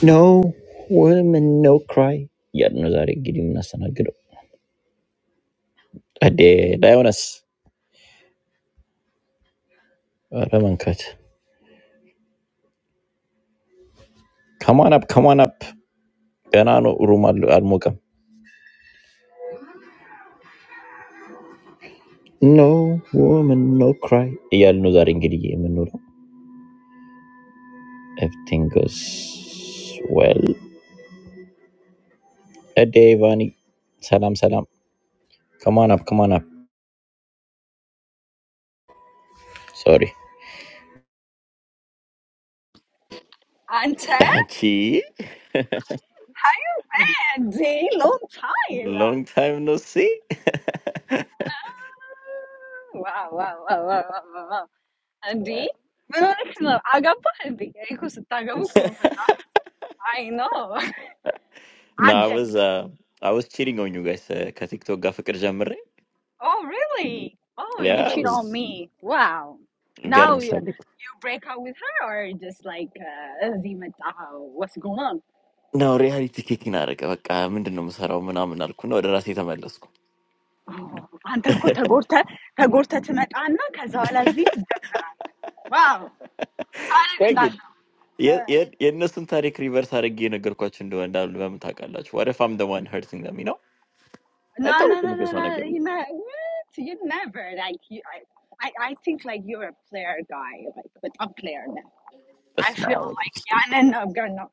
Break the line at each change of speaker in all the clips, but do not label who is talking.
No woman, no cry. Yeah, no darling, give me nothing. Good old Ade, Diana, Roman, cut. Come on up, come on up. I know you're mad at my face. No woman, no cry. Yeah, no darling, give me nothing. Everything goes well. Ade Ivani, salam salam. Come on up, come on up. Sorry.
Ante,
Hi,
how you been? D, long time. Ah,
long time no see.
Wow, wow, wow, wow, wow, wow. wow. Andy, من وراك شنو؟ عقبالي. يكون ست عقبكم متعفن. I know.
No, I
عدت.
was, uh, I was cheering on you guys. I think to go for the job.
Oh, really? Oh, you
Yeah, I
cheat on
was.
me. Wow. Now
Germs.
you, you break up with her or just like uh, እዚህ መጣ? what's going on?
No reality kicking in, I reckon. But I'm into number seven, and I'm not going to order a seat on my lunch.
Oh, አንተ እኮ ተጎድተህ ተጎድተህ ትመጣና ከዛ በኋላ እዚህ ትደበራለህ። Wow. ሳደግ
Quite good.
እንዳልከው።
Yeah, yeah, yeah. No such a river, such a gene. If you're watching this, what if I'm the one hurting them? You know? I thought
No, no,
you
no,
were
no,
going to
no.
get.
You know what? You never like you. I, I, I think like you're a player guy, like but I'm player now. I
That's my
feel
problem.
like yeah, no, no, gonna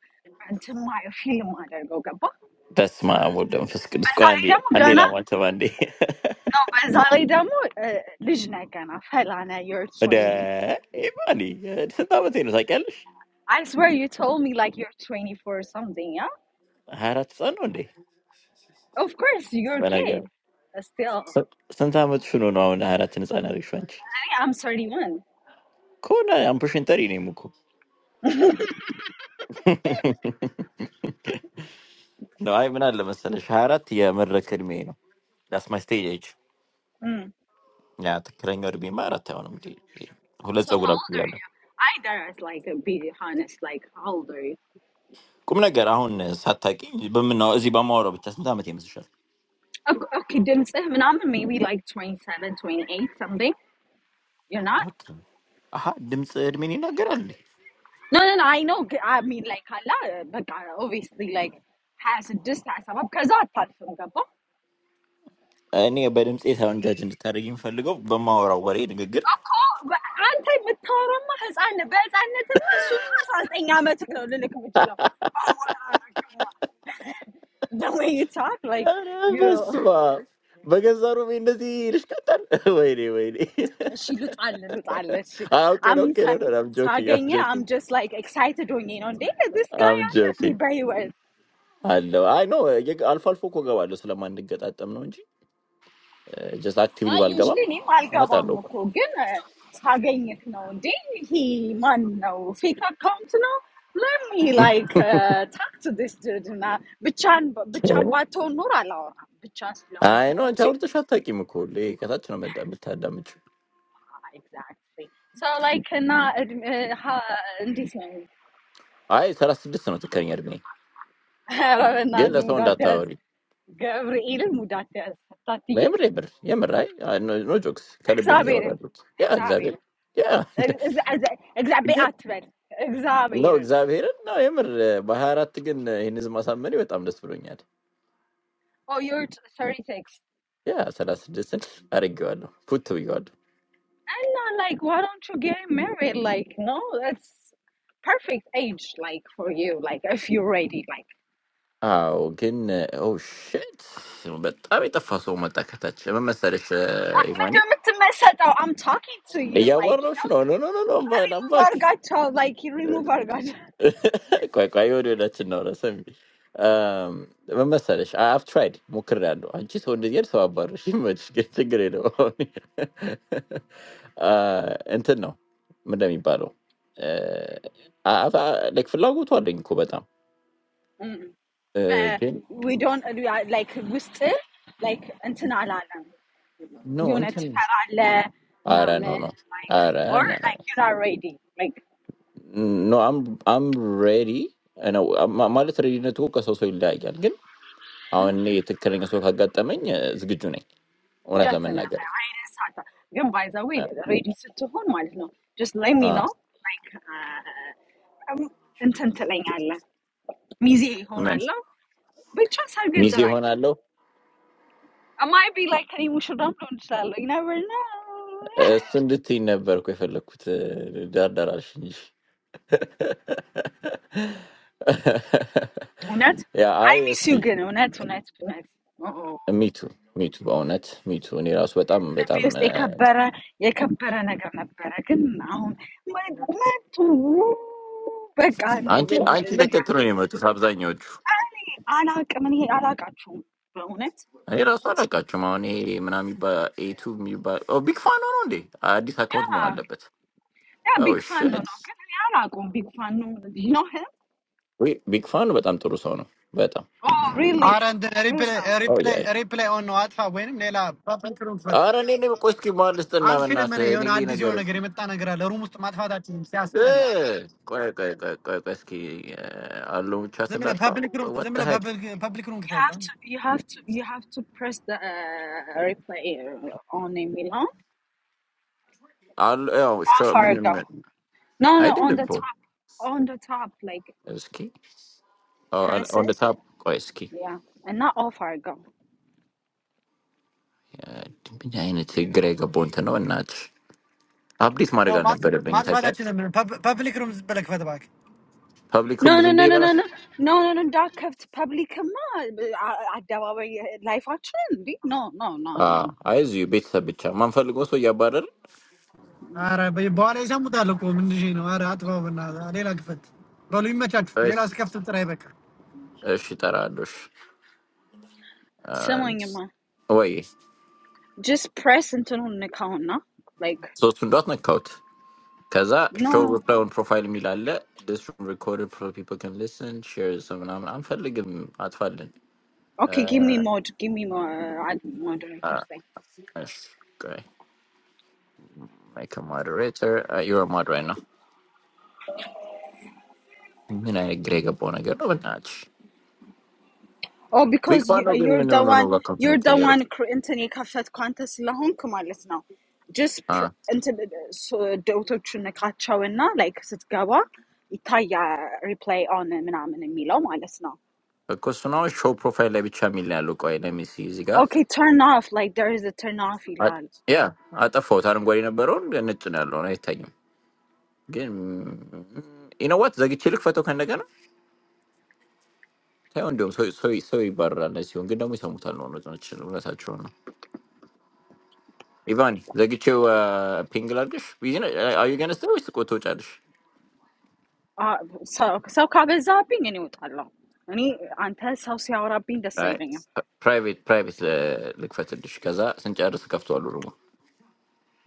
until my feel mother go gaba.
That's my problem. That's quite
بزاری
handy.
دمو
Handy,
gonna
I'm not so handy.
no بزاری دمو ليش gonna فلانا you're
But
20.
if I'm handy, it's a damn thing. So I can lose.
I swear you told me like you're 24 or something, yeah?
Haratson, one day,
Of course you're a
but like,
kid. But still,
so sometimes you know, I'm not a harat, and I'm not going to lose.
I think I'm 31.
What? I'm pushing the ring, Muku. No, I mean, like, for example, Shaharat is a murderer. That's my stage. age.
Mm.
Yeah, that guy is a murderer. That's what I'm saying. Who let you
So how
go up
old
there?
are you? I dare like be honest, like how old are you?
Come on, girl. How many times have you been with a man? I don't
Okay, okay, ድምፅህ ምናምን maybe like 27, 28, something.
know.
You're not?
Ah, how many times have you been with a girl?
No, no, no, I know. g- I mean like አላ but obviously like 26, 27 ከዛ አታልፍም ገባ?
I never been with a girl. I'm
እኮ በ- አንተ የምታወራማ ህፃን ነህ። በህፃንነትማ እሱማ 19 ዓመት ነው ልልክ የምችለው። አወራረቅማ. The The way you talk like you she እሺ ልጣል at እሺ I mean ሳ-
joking. I'm
ሳገኘህ I'm
joking.
just like excited ሆኜ ነው እንዴ this guy
I'm
I'm አለ
joking.
እንዴ
I know. I know. If Al Falfo comes out, Salamandar will be the one. Just active
I
little guy,
usually need my
but
camera
I
and
know.
my phone. It's hard getting enough daylight. Man, no. If I can't no, let me like uh, talk to this dude. No. Bichan, bichan, bato nurallah. Bichan slow,
I know.
can you?
That's why I'm not going to open it. Because I'm not going to damage it.
Exactly. So like, na ndis no. Ha, this one.
I'm a citizen of the country.
I don't
I'm a
know
son
the
of
date.
the country.
Gabriel, the date. That's it.
I'm right. I'm right. No jokes. I'm not going to do
Examirin.
that. Yeah, exactly.
Examirin.
Yeah.
Examiratirin.
No
Examirin.
exaggeration. No. I'm a Baharatian. He's a Muslim. I'm not going to do that.
Oh, you're sorry, thanks.
Yeah, I'm a citizen. Very good. Good to be good.
And not like, why don't you get married? Like, no, that's perfect age, like for you, like if you're ready, like.
Oh, good. Oh shit. So bad. Have you ever faced a woman like that? What's your issue, Ivan?
I'm oh, I'm talking to you,
I
like you
want
know,
to know. No, no, no, no. But I'm back.
remove our gacha, like you remove our gacha.
Quite, quite ordinary to know. I'm like, um, what's your issue? I've tried. Mucran. I just wanted to talk about it. I'm not scared of it. Ah, I don't know. Maybe I don't. Ah, I, I, I, I just want to talk about COVID. Ah,
But
good.
we don't we like we still like until alarm.
No,
You
I
know,
don't. Ah, no,
like
no. Ah,
or
no, no.
like you're not ready, like
No, I'm I'm ready. I know. Ma, ma let's ready. Let's talk about something like that. Again, or any particular thing. So, how about the men? Is good enough.
definitely.
Onet,
I didn't know. But by the way, ready to hold, ማለት ነው. Just let me know. Like. uh, I'm intenting on it. Miss you, on
men.
it. But trust her good
Mizi
tonight.
hona lo.
I might be like any Muslim don't tell you. You never know.
Sunday, ne, berkuferlo, kut dar darashini.
On it.
Yeah,
I
I
miss
ask
you,
it.
girl. On it. On it. On it. Oh, let
Me too, me too. Onet, me too. Unira sweatam, but
me
am.
just take a break. Take a break. And I'm gonna break. And now, man. Man, to be gone.
Anti, anti da
Be gone.
ketroima. To sabzain yuchu.
I'm not. I'm not. I'm not going. On it.
I just saw that, just now. He, my name is by A2M, by oh big fan on on there. I did account with him a
Yeah.
little bit.
I'm a
Oh
big fan of him.
shit!
I'm not going big fan of him. You know him?
We big fan, but I'm too slow now. Wait,
Oh, really?
Aar end
True
reply
story.
oh
reply
yeah.
reply on adfa win lela public room fight.
Are you any questions about this? No, no,
Ans here I
no.
mean you on
You're gonna
adisi
get
on
it.
a game itta on a girl. The room must match with that team. Yes, lela.
Hey, come on, come on, come on,
Zemila
come
public room.
on. What the
Zemila
heck?
public public room fight.
have to you have to you have to press the uh, replay uh, on in Milan
All yeah, show
or go.
me.
No,
I
no,
did
on
it
the
too.
top, on the top, like
What the heck? Oh, on
press
on the
it.
top, what the heck?
Yeah, and not off our go.
I'm gonna see Grega Ponte now. What? Are you this morning
No
gonna be
match
able to bring
match
the
with
chair?
that team. Zemila public room is better fight with you.
No, no, no, no, no, no, no, no, no. Dark kept public command. I I don't know life action. No, no, no, no, no.
Aar, by the way, isamuda local community. Aar adfa banana lela fight. Follow him match. Leila is kept to try back.
Someone you ma- just press into the account, no? Like no. Okay, give me more. Give me more. Uh, I don't know. First thing. Oh, because you, you're the one. You're the one. Anthony can't contest. Lahon kumalis na. Just until the auto tune kachawena. Like set gawa. Itaya replay on. Menang menemilom alis na. Okay, turn off. Like there is a turn off.
I
Ilal.
yeah, I thought I'm going to Baron and it's an alone. I tell you. You know what? The Gichilic photo can again? Tell so sorry, sorry, Barra, unless you get on with some talon or something. That's a churn. Ivan, the Gichu uh, Pingladish? We- you know, uh, Are you going to stay with Koto Chadish?
Ah, sa sa kaibet zapping ni utal lo. Ani anther sa usyara pindestay
Right.
nyo.
P- Private, private, uh, like Fatadish Kaza, Saint Jaros Kafto Rumo.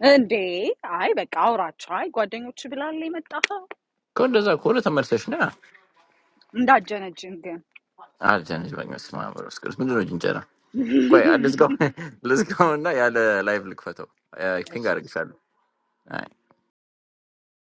Eh day ay ba kaurot chai guadingo chivilali metaho.
God does a quarter of Mercedes.
Ndagjan ng jingle.
I'll change my smile. Quite, let's go. Let's go. No, I had a live look photo. I think
Yes.
I